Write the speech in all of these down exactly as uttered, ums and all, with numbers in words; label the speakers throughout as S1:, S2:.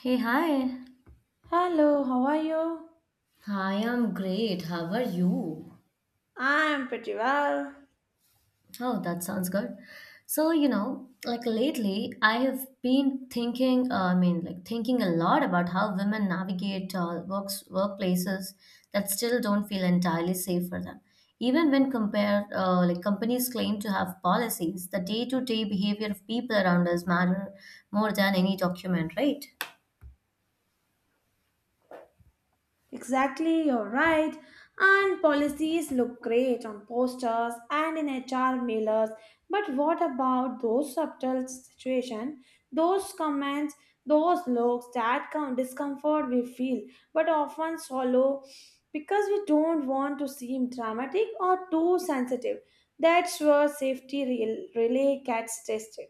S1: Hey, hi.
S2: Hello, how are you?
S1: Hi, I'm great. How are you?
S2: I'm pretty well.
S1: Oh, that sounds good. So, you know, like lately, I have been thinking, uh, I mean, like thinking a lot about how women navigate uh, works workplaces that still don't feel entirely safe for them. Even when compared, uh, like companies claim to have policies, the day-to-day behavior of people around us matter more than any document, right?
S2: Exactly, you're right. And policies look great on posters and in H R mailers, but what about those subtle situations, those comments, those looks, that com- discomfort we feel, but often swallow because we don't want to seem dramatic or too sensitive. That's where safety rel- relay gets tested.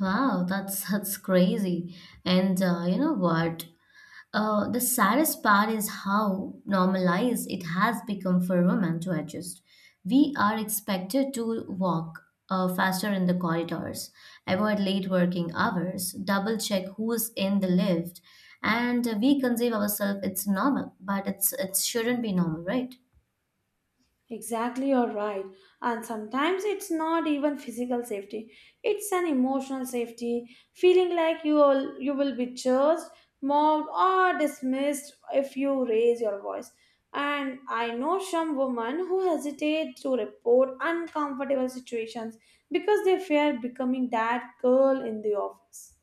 S1: Wow, that's that's crazy. And uh, you know what? Uh, the saddest part is how normalized it has become for women to adjust. We are expected to walk uh, faster in the corridors, avoid late working hours, double check who's in the lift, and we conceive ourselves it's normal, but it's it shouldn't be normal, right?
S2: Exactly, you're right. And sometimes it's not even physical safety. It's an emotional safety, feeling like you will, you will be judged, mocked, or dismissed if you raise your voice. And I know some women who hesitate to report uncomfortable situations because they fear becoming that girl in the office.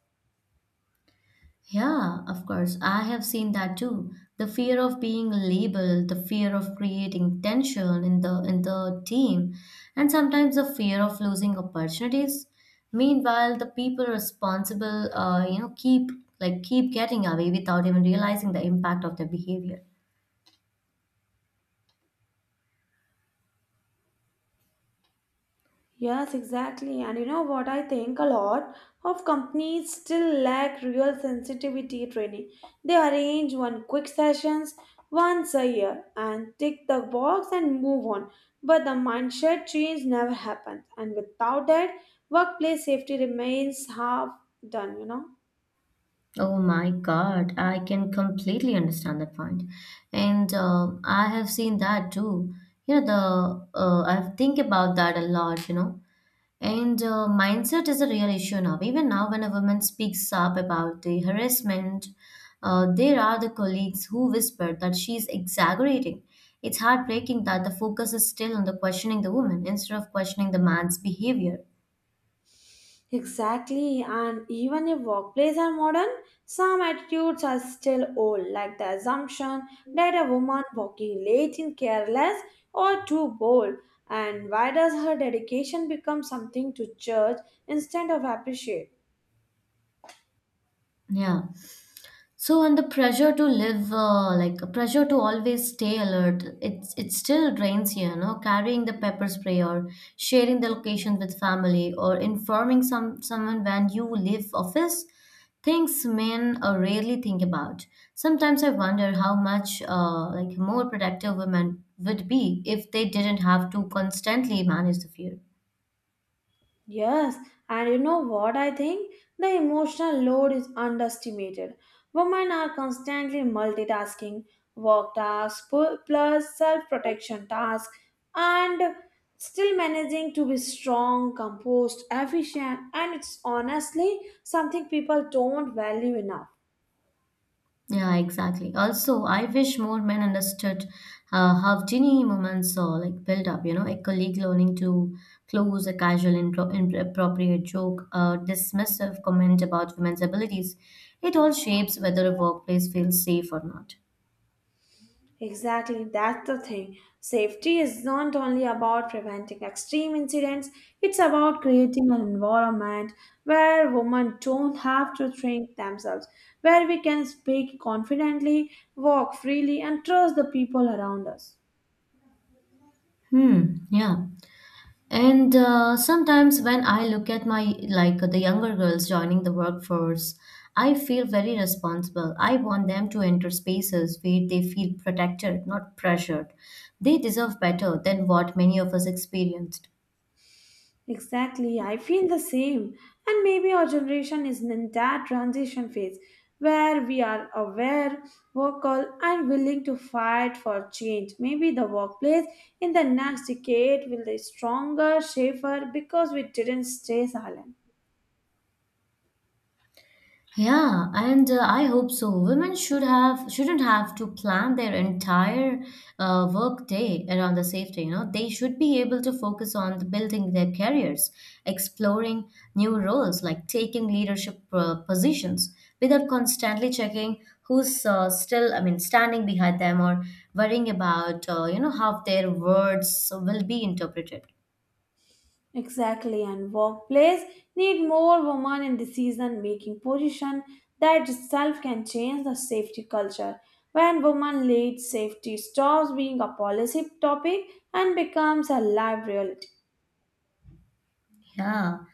S1: Yeah, of course. I have seen that too. The fear of being labeled, the fear of creating tension in the in the team, and sometimes the fear of losing opportunities. Meanwhile, the people responsible, uh, you know, keep like keep getting away without even realizing the impact of their behavior.
S2: Yes, exactly. And you know what? I think a lot of companies still lack real sensitivity training. They arrange one quick sessions once a year and tick the box and move on. But the mindset change never happens. And without that, workplace safety remains half done, you know.
S1: Oh my God, I can completely understand that point. And uh, I have seen that too. You know, the uh, I think about that a lot, you know And uh, mindset is a real issue now. Even now, when a woman speaks up about the harassment, uh, there are the colleagues who whisper that she's exaggerating. It's heartbreaking that the focus is still on the questioning the woman instead of questioning the man's behavior.
S2: Exactly, and even if workplaces are modern, some attitudes are still old, like the assumption that a woman walking late is careless or too bold. And why does her dedication become something to judge instead of appreciate?
S1: Yeah. So, and the pressure to live, uh, like a pressure to always stay alert, it's it still drains you, you know, carrying the pepper spray or sharing the location with family or informing some someone when you leave office, things men uh, rarely think about. Sometimes I wonder how much uh, like more productive women would be if they didn't have to constantly manage the fear.
S2: Yes, and you know what I think? The emotional load is underestimated. Women are constantly multitasking work tasks pu- plus self protection tasks and still managing to be strong, composed, efficient, and it's honestly something people don't value enough.
S1: Yeah, exactly. Also, I wish more men understood uh, how teeny moments uh, like build up. You know, a colleague learning to close a casual, intro- inappropriate joke, a dismissive comment about women's abilities. It all shapes whether a workplace feels safe or not.
S2: Exactly, that's the thing. Safety is not only about preventing extreme incidents, it's about creating an environment where women don't have to think themselves, where we can speak confidently, walk freely, and trust the people around us.
S1: Hmm. Yeah. And uh, sometimes when I look at my like the younger girls joining the workforce, I feel very responsible. I want them to enter spaces where they feel protected, not pressured. They deserve better than what many of us experienced.
S2: Exactly, I feel the same. And maybe our generation is in that transition phase where we are aware, vocal, and willing to fight for change. Maybe the workplace in the next decade will be stronger, safer because we didn't stay silent.
S1: Yeah, and uh, I hope so. Women should have shouldn't have to plan their entire uh, work day around the safety. You know, they should be able to focus on the building their careers, exploring new roles, like taking leadership uh, positions, without constantly checking who's uh, still, I mean, standing behind them or worrying about uh, you know how their words will be interpreted.
S2: Exactly, and workplace need more women in decision making position that itself can change the safety culture. When women lead, safety stops being a policy topic and becomes a live reality.
S1: Yeah,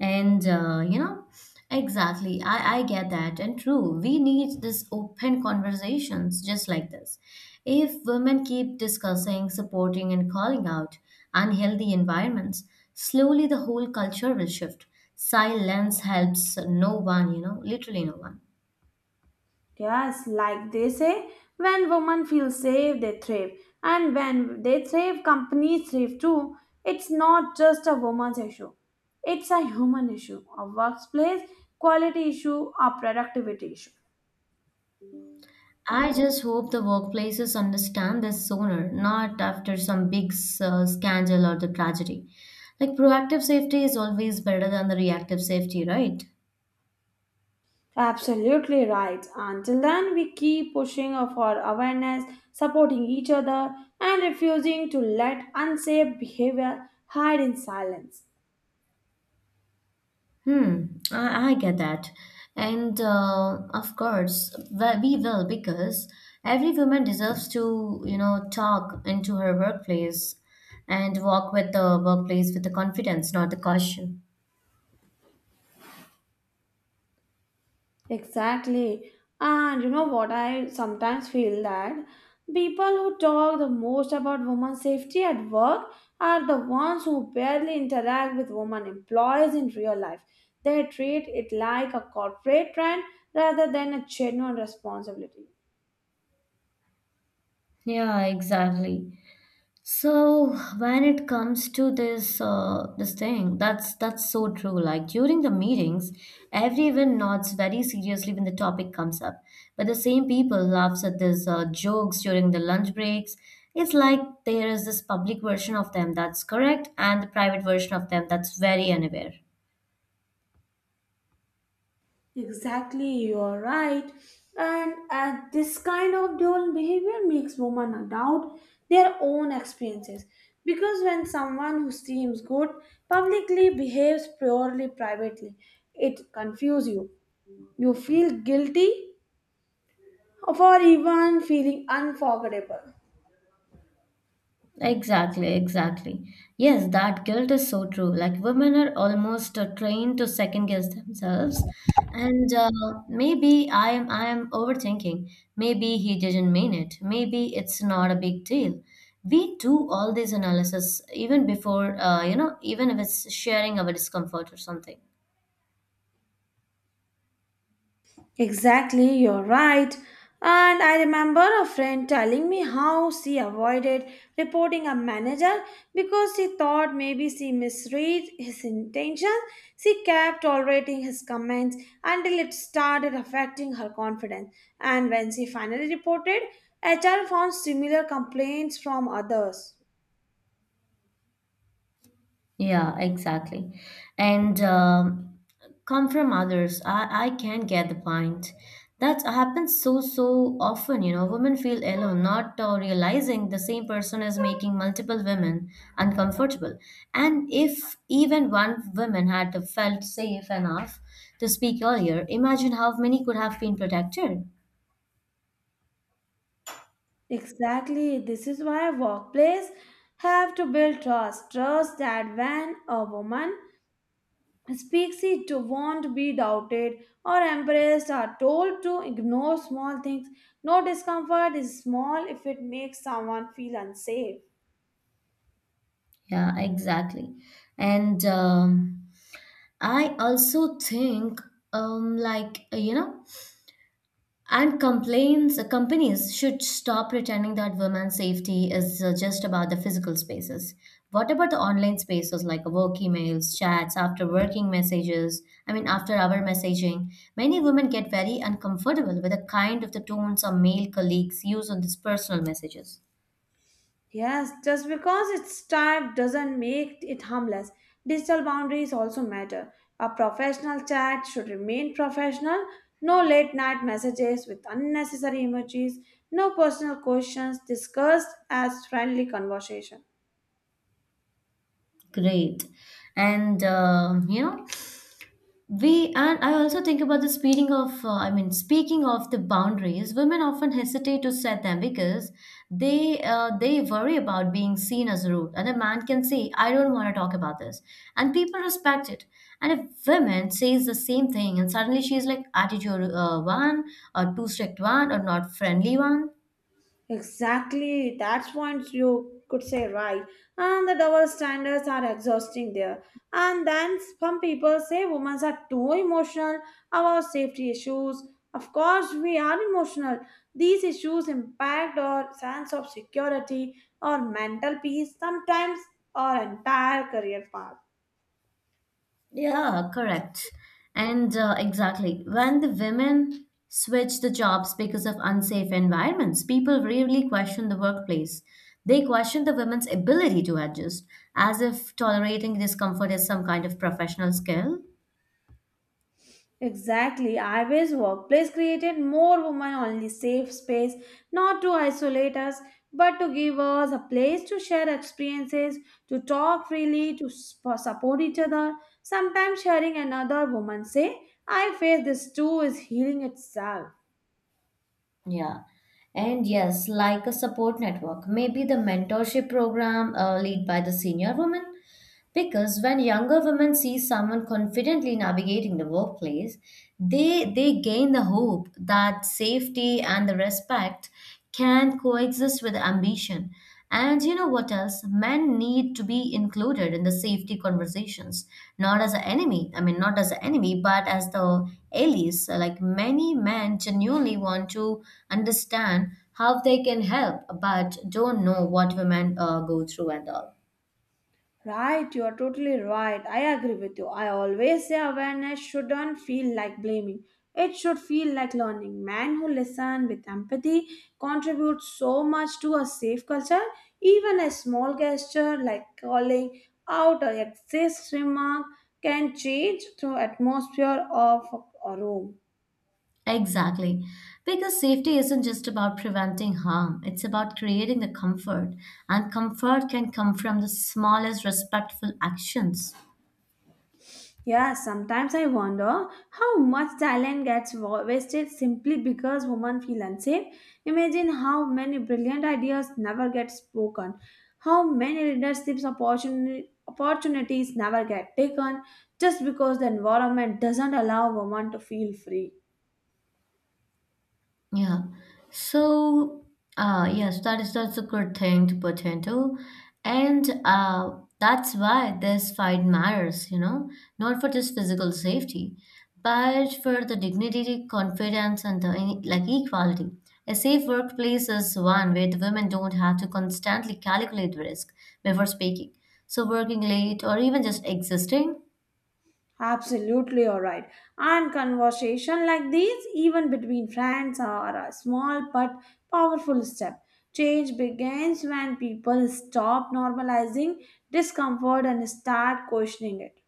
S1: and uh, you know, exactly. I, I get that. And true, we need this open conversations just like this. If women keep discussing, supporting, and calling out unhealthy environments, slowly the whole culture will shift. Silence helps no one, you know, literally no one.
S2: Yes, like they say, when women feel safe, they thrive, and when they thrive, companies thrive too. It's not just a woman's issue; it's a human issue, a workplace quality issue, a productivity issue.
S1: I just hope the workplaces understand this sooner, not after some big uh, scandal or the tragedy. Like proactive safety is always better than the reactive safety, right?
S2: Absolutely right. Until then, we keep pushing for awareness, supporting each other, and refusing to let unsafe behavior hide in silence.
S1: Hmm, I, I get that. And uh, of course, we we will because every woman deserves to, you know, talk into her workplace and walk with the workplace with the confidence, not the caution.
S2: Exactly. And you know what? I sometimes feel that people who talk the most about women's safety at work are the ones who barely interact with women employees in real life. They treat it like a corporate trend rather than a genuine responsibility.
S1: Yeah, exactly. So when it comes to this uh, this thing, that's that's so true. Like during the meetings, everyone nods very seriously when the topic comes up, but the same people laughs at these uh, jokes during the lunch breaks. It's like there is this public version of them that's correct and the private version of them that's very unaware.
S2: Exactly, you're right. And uh, this kind of dual behavior makes women doubt their own experiences. Because when someone who seems good publicly behaves purely privately, it confuses you. You feel guilty for even feeling unforgettable.
S1: Exactly, exactly. Yes, that guilt is so true. Like women are almost uh, trained to second guess themselves, and uh, maybe I am I am overthinking. Maybe he didn't mean it. Maybe it's not a big deal. We do all these analysis even before, uh, you know, even if it's sharing our discomfort or something.
S2: Exactly, you're right. And I remember a friend telling me how she avoided reporting a manager because she thought maybe she misread his intention. She kept tolerating his comments until it started affecting her confidence. And when she finally reported, H R found similar complaints from others.
S1: Yeah, exactly. And um, come from others. I, I can get the point. That happens so, so often. You know, women feel alone, not uh, realizing the same person is making multiple women uncomfortable. And if even one woman had felt safe enough to speak earlier, imagine how many could have been protected.
S2: Exactly. This is why workplace have to build trust. Trust that when a woman speaks it won't be doubted or embraced are told to ignore small things. No discomfort is small if it makes someone feel unsafe.
S1: Yeah, exactly. And um, I also think, um, like, you know, And complaints, uh, companies should stop pretending that women's safety is uh, just about the physical spaces. What about the online spaces like uh, work emails, chats, after working messages? I mean, after hour messaging. Many women get very uncomfortable with the kind of the tone some male colleagues use on these personal messages.
S2: Yes, just because it's typed doesn't make it harmless. Digital boundaries also matter. A professional chat should remain professional. No late night messages with unnecessary emojis. No personal questions discussed as friendly conversation.
S1: Great. And, um, you know, we and I also think about the speeding of uh, i mean speaking of the boundaries women often hesitate to set them because they uh, they worry about being seen as rude, and a man can say I don't want to talk about this and people respect it, and if women says the same thing and suddenly she's like attitude uh, one or too strict one or not friendly one.
S2: Exactly, that's points you could say right. And the double standards are exhausting there. And then some people say women are too emotional about safety issues. Of course, we are emotional. These issues impact our sense of security, our mental peace, sometimes our entire career path.
S1: Yeah, correct. And uh, exactly. When the women switch the jobs because of unsafe environments, people rarely question the workplace. They question the women's ability to adjust, as if tolerating discomfort is some kind of professional skill.
S2: Exactly. I wish workplace created more women only safe space, not to isolate us, but to give us a place to share experiences, to talk freely, to sp- support each other. Sometimes hearing another woman say, I face this too is healing itself.
S1: Yeah. And yes, like a support network, maybe the mentorship program uh, led by the senior woman. Because when younger women see someone confidently navigating the workplace, they they gain the hope that safety and the respect can coexist with ambition. And you know what else? Men need to be included in the safety conversations, not as an enemy. I mean, not as an enemy, but as the allies. So, like many men genuinely want to understand how they can help, but don't know what women uh, go through and all.
S2: Right, you are totally right. I agree with you. I always say awareness shouldn't feel like blaming. It should feel like learning. Men who listen with empathy contribute so much to a safe culture. Even a small gesture like calling out a sexist remark can change the atmosphere of a room.
S1: Exactly. Because safety isn't just about preventing harm, it's about creating the comfort. And comfort can come from the smallest respectful actions.
S2: Yeah, sometimes I wonder how much talent gets wa- wasted simply because women feel unsafe. Imagine how many brilliant ideas never get spoken, how many leadership opportuni- opportunities never get taken just because the environment doesn't allow women to feel free.
S1: Yeah. So, uh, yes, that is that's a good thing to put into, and uh, that's why this fight matters. You know, not for just physical safety, but for the dignity, confidence, and the e- like equality. A safe workplace is one where the women don't have to constantly calculate risk before speaking. So, working late or even just existing.
S2: Absolutely, all right. And conversation like these, even between friends, are a small but powerful step. Change begins when people stop normalizing discomfort and start questioning it.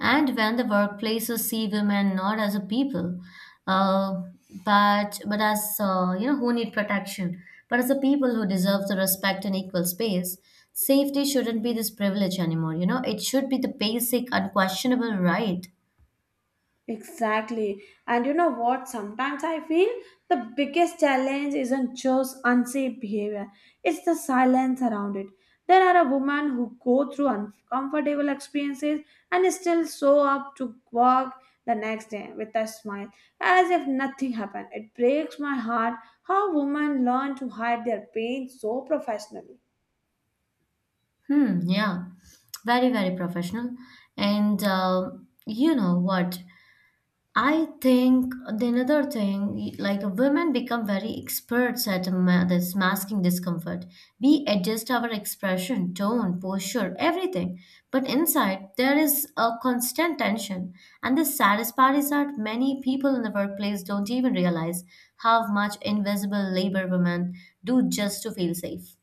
S1: And when the workplaces see women not as a people uh, but but as uh, you know, who need protection, but as a people who deserve the respect and equal space. Safety shouldn't be this privilege anymore, you know. It should be the basic unquestionable right.
S2: Exactly. And you know what? Sometimes I feel the biggest challenge isn't just unsafe behavior, it's the silence around it. There are a woman who go through uncomfortable experiences and still show up to work the next day with a smile, as if nothing happened. It breaks my heart how women learn to hide their pain so professionally.
S1: Hmm, yeah. Very, very professional. And uh, you know what, I think the another thing, like women become very experts at ma- this masking discomfort. We adjust our expression, tone, posture, everything. But inside, there is a constant tension. And the saddest part is that many people in the workplace don't even realize how much invisible labor women do just to feel safe.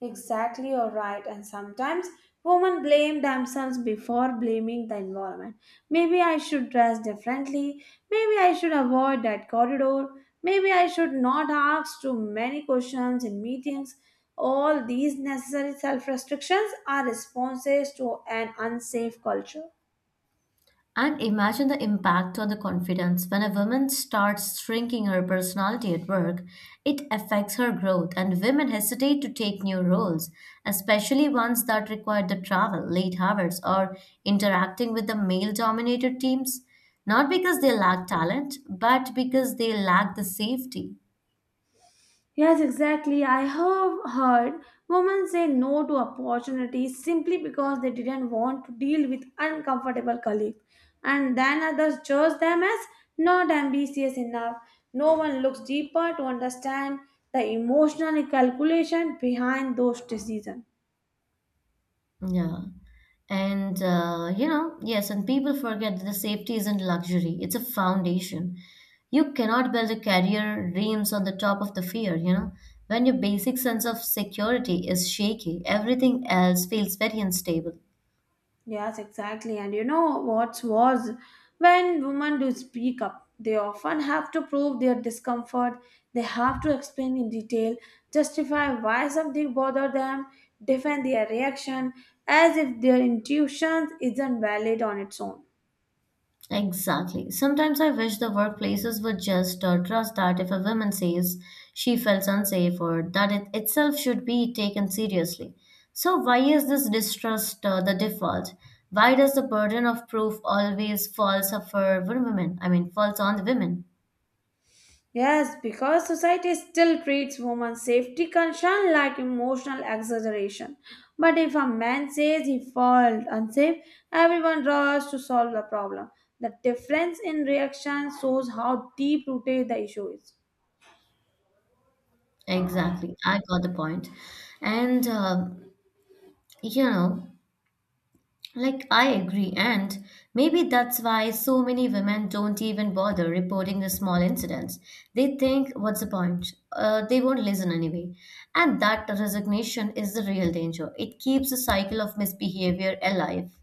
S2: Exactly, you're right. And sometimes women blame themselves before blaming the environment. Maybe I should dress differently. Maybe I should avoid that corridor. Maybe I should not ask too many questions in meetings. All these necessary self restrictions are responses to an unsafe culture.
S1: And imagine the impact on the confidence when a woman starts shrinking her personality at work. It affects her growth, and women hesitate to take new roles, especially ones that require the travel, late hours, or interacting with the male dominated teams. Not because they lack talent, but because they lack the safety.
S2: Yes, exactly. I have heard women say no to opportunities simply because they didn't want to deal with uncomfortable colleagues, and then others judge them as not ambitious enough. No one looks deeper to understand the emotional calculation behind those decisions.
S1: Yeah. And, uh, you know, yes, and people forget that the safety isn't luxury, it's a foundation. You cannot build a career dreams on the top of the fear, you know. When your basic sense of security is shaky, everything else feels very unstable.
S2: Yes, exactly. And you know what's worse? When women do speak up, they often have to prove their discomfort. They have to explain in detail, justify why something bothered them, defend their reaction as if their intuition isn't valid on its own.
S1: Exactly. Sometimes I wish the workplaces would just uh, trust that if a woman says she felt unsafe, or that it itself should be taken seriously. So why is this distrust uh, the default? Why does the burden of proof always falls for women? I mean, falls on the women.
S2: Yes, because society still treats women's safety concern like emotional exaggeration. But if a man says he felt unsafe, everyone rushes to solve the problem. The difference in reaction shows how deep rooted the issue is.
S1: Exactly. I got the point. And uh, you know, Like, I agree, and maybe that's why so many women don't even bother reporting the small incidents. They think, what's the point? Uh, they won't listen anyway. And that resignation is the real danger. It keeps the cycle of misbehavior alive.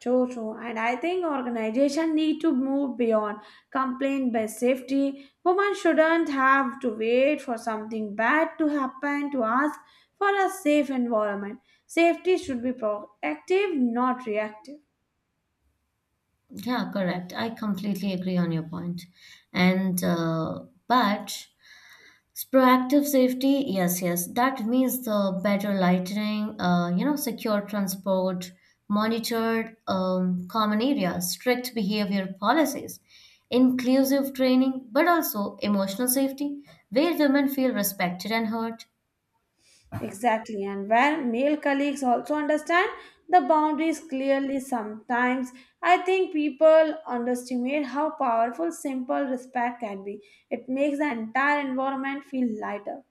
S2: True, true. And I think organization need to move beyond complaint based safety. Women shouldn't have to wait for something bad to happen to ask for a safe environment. Safety should be proactive, not reactive.
S1: Yeah, correct. I completely agree on your point. And, uh, but proactive safety, yes, yes. That means the better lighting, uh, you know, secure transport, monitored um, common areas, strict behavior policies, inclusive training, but also emotional safety, where women feel respected and heard.
S2: Exactly. And when male colleagues also understand the boundaries clearly sometimes, I think people underestimate how powerful simple respect can be. It makes the entire environment feel lighter.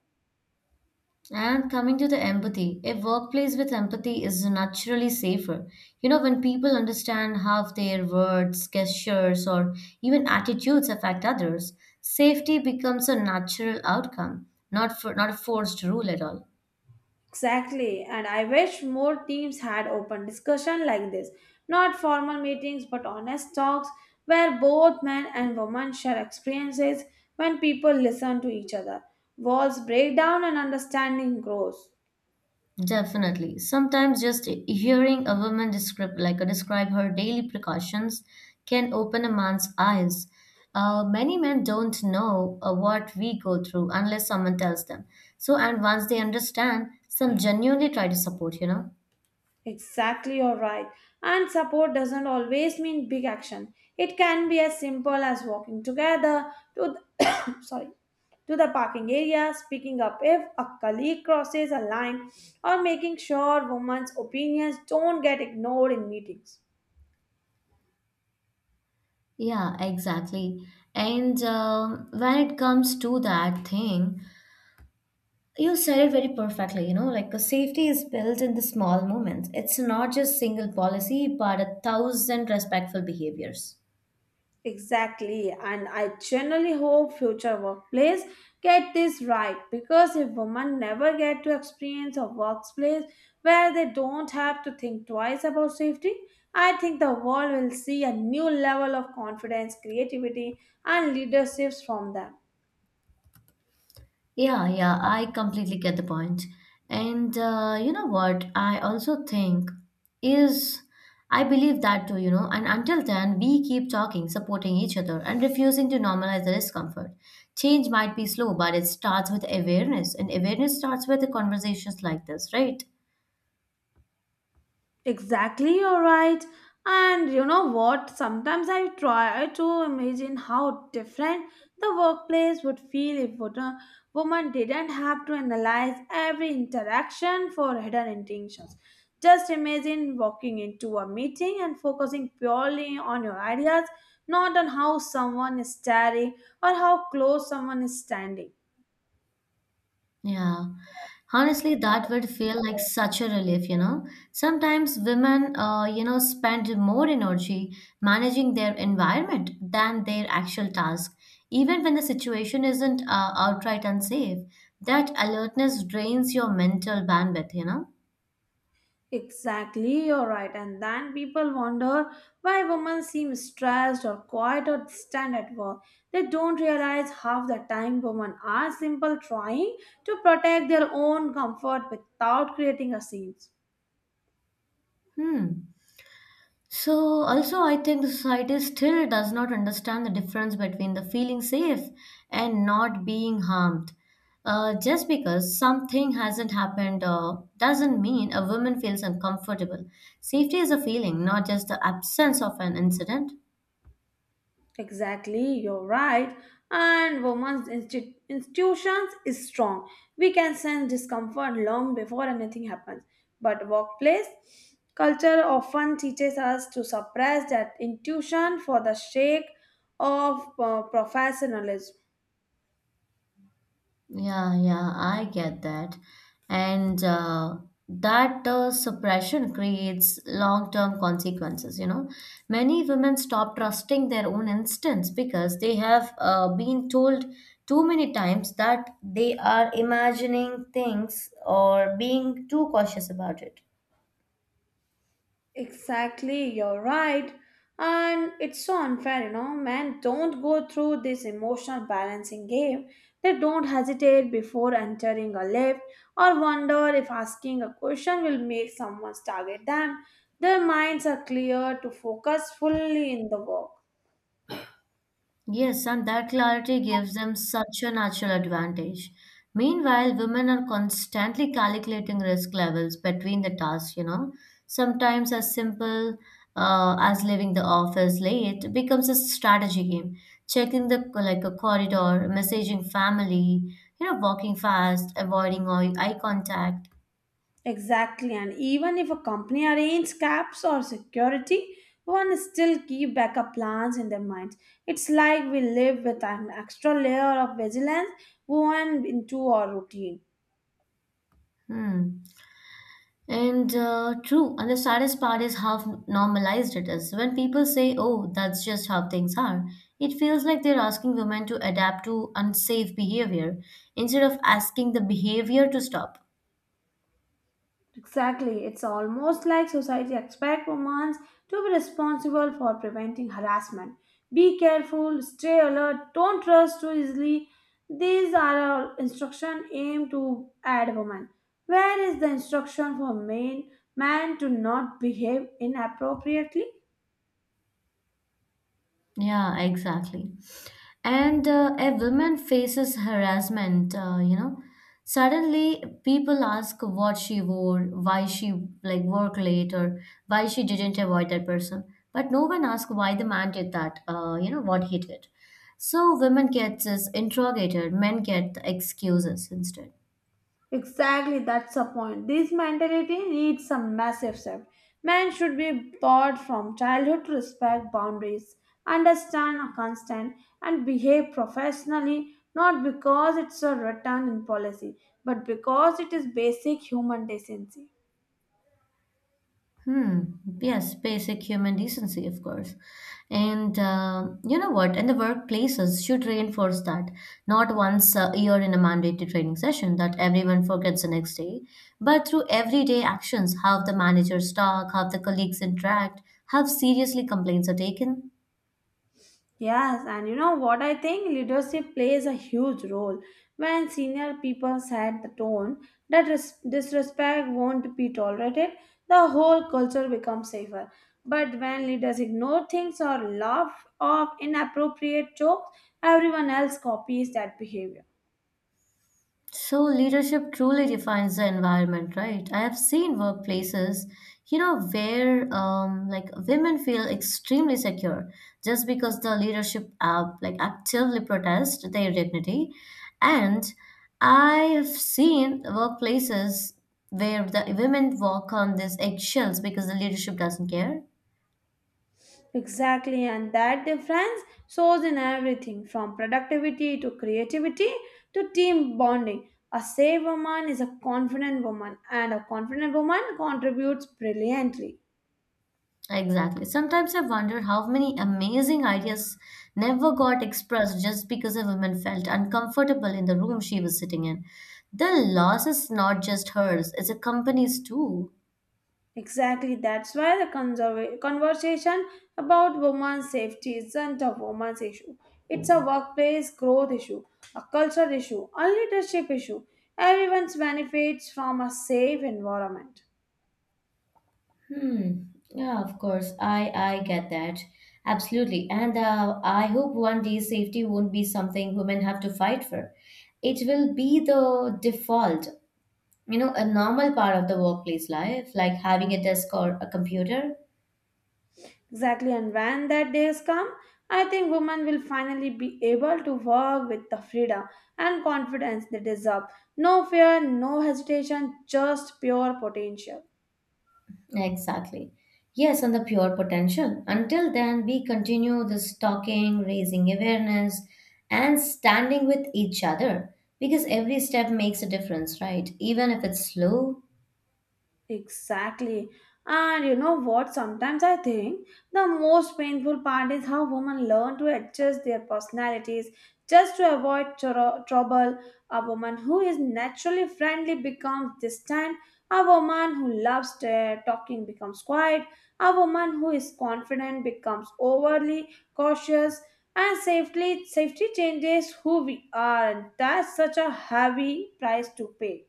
S1: And coming to the empathy, a workplace with empathy is naturally safer. You know, when people understand how their words, gestures, or even attitudes affect others, safety becomes a natural outcome, not for not a forced rule at all.
S2: Exactly, and I wish more teams had open discussion like this. Not formal meetings, but honest talks where both men and women share experiences when people listen to each other. Walls break down and understanding grows.
S1: Definitely. Sometimes just hearing a woman describe, like uh, describe her daily precautions, can open a man's eyes. Uh, many men don't know uh, what we go through unless someone tells them. So, and once they understand, some genuinely try to support. You know.
S2: Exactly, you're right. And support doesn't always mean big action. It can be as simple as walking together to the, sorry, to the parking area, speaking up if a colleague crosses a line, or making sure women's opinions don't get ignored in meetings.
S1: Yeah, exactly. And um, when it comes to that thing, you said it very perfectly. You know, like the safety is built in the small moments. It's not just single policy, but a thousand respectful behaviors.
S2: Exactly, and I generally hope future workplace get this right because if women never get to experience a workplace where they don't have to think twice about safety, I think the world will see a new level of confidence, creativity, and leaderships from them.
S1: Yeah, yeah, I completely get the point. And uh, you know what? I also think is I believe that too, you know. And until then, we keep talking, supporting each other, and refusing to normalize the discomfort. Change might be slow, but it starts with awareness, and awareness starts with the conversations like this, right?
S2: Exactly, you're right. And you know what? Sometimes I try to imagine how different the workplace would feel if wo- a woman didn't have to analyze every interaction for hidden intentions. Just imagine walking into a meeting and focusing purely on your ideas, not on how someone is staring or how close someone is standing.
S1: Yeah. Honestly, that would feel like such a relief, you know. Sometimes women, uh, you know, spend more energy managing their environment than their actual task. Even when the situation isn't uh, outright unsafe, that alertness drains your mental bandwidth, you know.
S2: Exactly, you're right. And then people wonder why women seem stressed or quiet or distant at work. They don't realize half the time women are simple trying to protect their own comfort without creating a scene.
S1: Hmm. So, also, I think the society still does not understand the difference between the feeling safe and not being harmed. Uh, just because something hasn't happened uh, doesn't mean a woman feels uncomfortable. Safety is a feeling, not just the absence of an incident.
S2: Exactly, you're right. And women's insti- institutions is strong. We can sense discomfort long before anything happens. But workplace culture often teaches us to suppress that intuition for the sake of uh, professionalism.
S1: Yeah, yeah, I get that. And uh, that uh, suppression creates long-term consequences, you know. Many women stop trusting their own instincts because they have uh, been told too many times that they are imagining things or being too cautious about it.
S2: Exactly, you're right. And it's so unfair, you know. Men don't go through this emotional balancing game. They don't hesitate before entering a lift or wonder if asking a question will make someone target them. Their minds are clear to focus fully in the work.
S1: Yes, and that clarity gives them such a natural advantage. Meanwhile, women are constantly calculating risk levels between the tasks, you know. Sometimes as simple uh, as leaving the office late becomes a strategy game. Checking the like a corridor, messaging family, you know, walking fast, avoiding eye eye contact.
S2: Exactly, and even if a company arranges caps or security, one still keep backup plans in their minds. It's like we live with an extra layer of vigilance woven into our routine.
S1: Hmm. And uh, true, and the saddest part is how normalized it is. When people say, oh, that's just how things are, it feels like they're asking women to adapt to unsafe behavior instead of asking the behavior to stop.
S2: Exactly. It's almost like society expects women to be responsible for preventing harassment. Be careful, stay alert, don't trust too easily. These are all instruction aimed to add women. Where is the instruction for men, man to not behave inappropriately?
S1: Yeah, exactly. And uh, a woman faces harassment, uh, you know. Suddenly, people ask what she wore, why she like work late, or why she didn't avoid that person. But no one asks why the man did that. Uh, you know what he did. So women get this interrogated, men get the excuses instead.
S2: Exactly, that's the point. This mentality needs some massive shift. Men should be taught from childhood to respect boundaries, understand a constant, and behave professionally not because it's a written in policy, but because it is basic human decency.
S1: Hmm. Yes, basic human decency, of course. And uh, you know what? And the workplaces should reinforce that. Not once a year in a mandatory training session that everyone forgets the next day, but through everyday actions, how the managers talk, how the colleagues interact, how seriously complaints are taken.
S2: Yes, and you know what I think? Leadership plays a huge role. When senior people set the tone that res- disrespect won't be tolerated, the whole culture becomes safer. But when leaders ignore things or laugh off inappropriate jokes, everyone else copies that behavior.
S1: So leadership truly defines the environment, right? I have seen workplaces, you know, where um, like women feel extremely secure just because the leadership app like actively protest their dignity, and I have seen workplaces where the women walk on these eggshells because the leadership doesn't care.
S2: Exactly, and that difference shows in everything from productivity to creativity to team bonding. A safe woman is a confident woman, and a confident woman contributes brilliantly.
S1: Exactly. Sometimes I wonder how many amazing ideas never got expressed just because a woman felt uncomfortable in the room she was sitting in. The loss is not just hers, it's a company's too.
S2: Exactly, that's why the conserva- conversation about women's safety isn't a woman's issue. It's a workplace growth issue, a culture issue, a leadership issue. Everyone benefits from a safe environment.
S1: Hmm. Yeah, of course. I I get that. Absolutely. And uh, I hope one day safety won't be something women have to fight for. It will be the default, you know, a normal part of the workplace life, like having a desk or a computer.
S2: Exactly, and when that day has come, I think women will finally be able to work with the freedom and confidence they deserve. No fear, no hesitation, just pure potential.
S1: Exactly. Yes, and the pure potential. Until then, we continue this talking, raising awareness, and standing with each other because every step makes a difference, right? Even if it's slow.
S2: Exactly. And you know what? Sometimes I think the most painful part is how women learn to adjust their personalities just to avoid tro- trouble. A woman who is naturally friendly becomes distant. A woman who loves uh, talking becomes quiet. A woman who is confident becomes overly cautious. And safely, safety changes who we are. And that's such a heavy price to pay.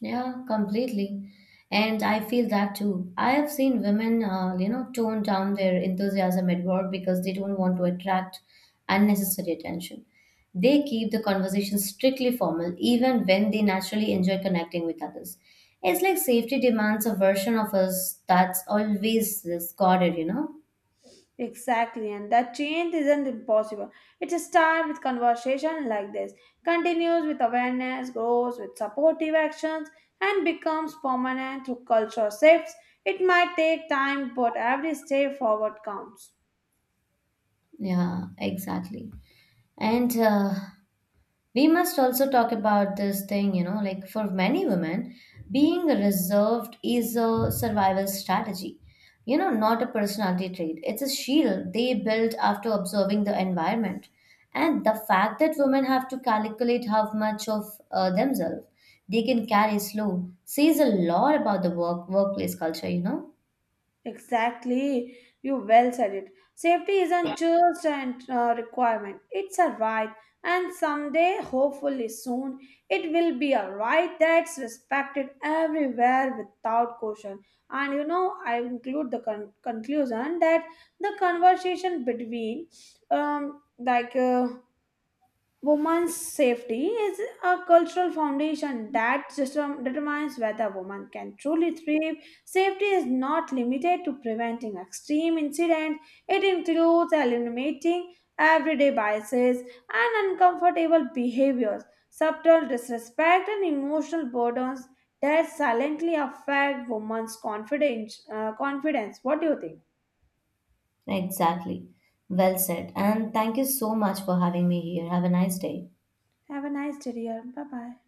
S1: Yeah, completely. And I feel that too. I have seen women, uh, you know, tone down their enthusiasm at work because they don't want to attract unnecessary attention. They keep the conversation strictly formal, even when they naturally enjoy connecting with others. It's like safety demands a version of us that's always this guarded, you know?
S2: Exactly, and that change isn't impossible. It starts with conversation like this, continues with awareness, grows with supportive actions, and becomes permanent through cultural shifts. It might take time, but every step forward counts.
S1: Yeah, exactly. And uh, we must also talk about this thing, you know, like for many women, being reserved is a survival strategy, you know, not a personality trait. It's a shield they build after observing the environment. And the fact that women have to calculate how much of uh, themselves they can carry slow says a lot about the work workplace culture, you know?
S2: Exactly, you well said it. Safety isn't just a uh, requirement, it's a right, and someday, hopefully soon, it will be a right that's respected everywhere without caution. And you know, I include the con- conclusion that the conversation between, um, like, uh, Women's safety is a cultural foundation that system determines whether a woman can truly thrive. Safety is not limited to preventing extreme incidents, it includes eliminating everyday biases and uncomfortable behaviors, subtle disrespect, and emotional burdens that silently affect women's confidence. uh, confidence. What do you think?
S1: Exactly. Well said. And thank you so much for having me here. Have a nice day.
S2: Have a nice day, dear. Bye bye.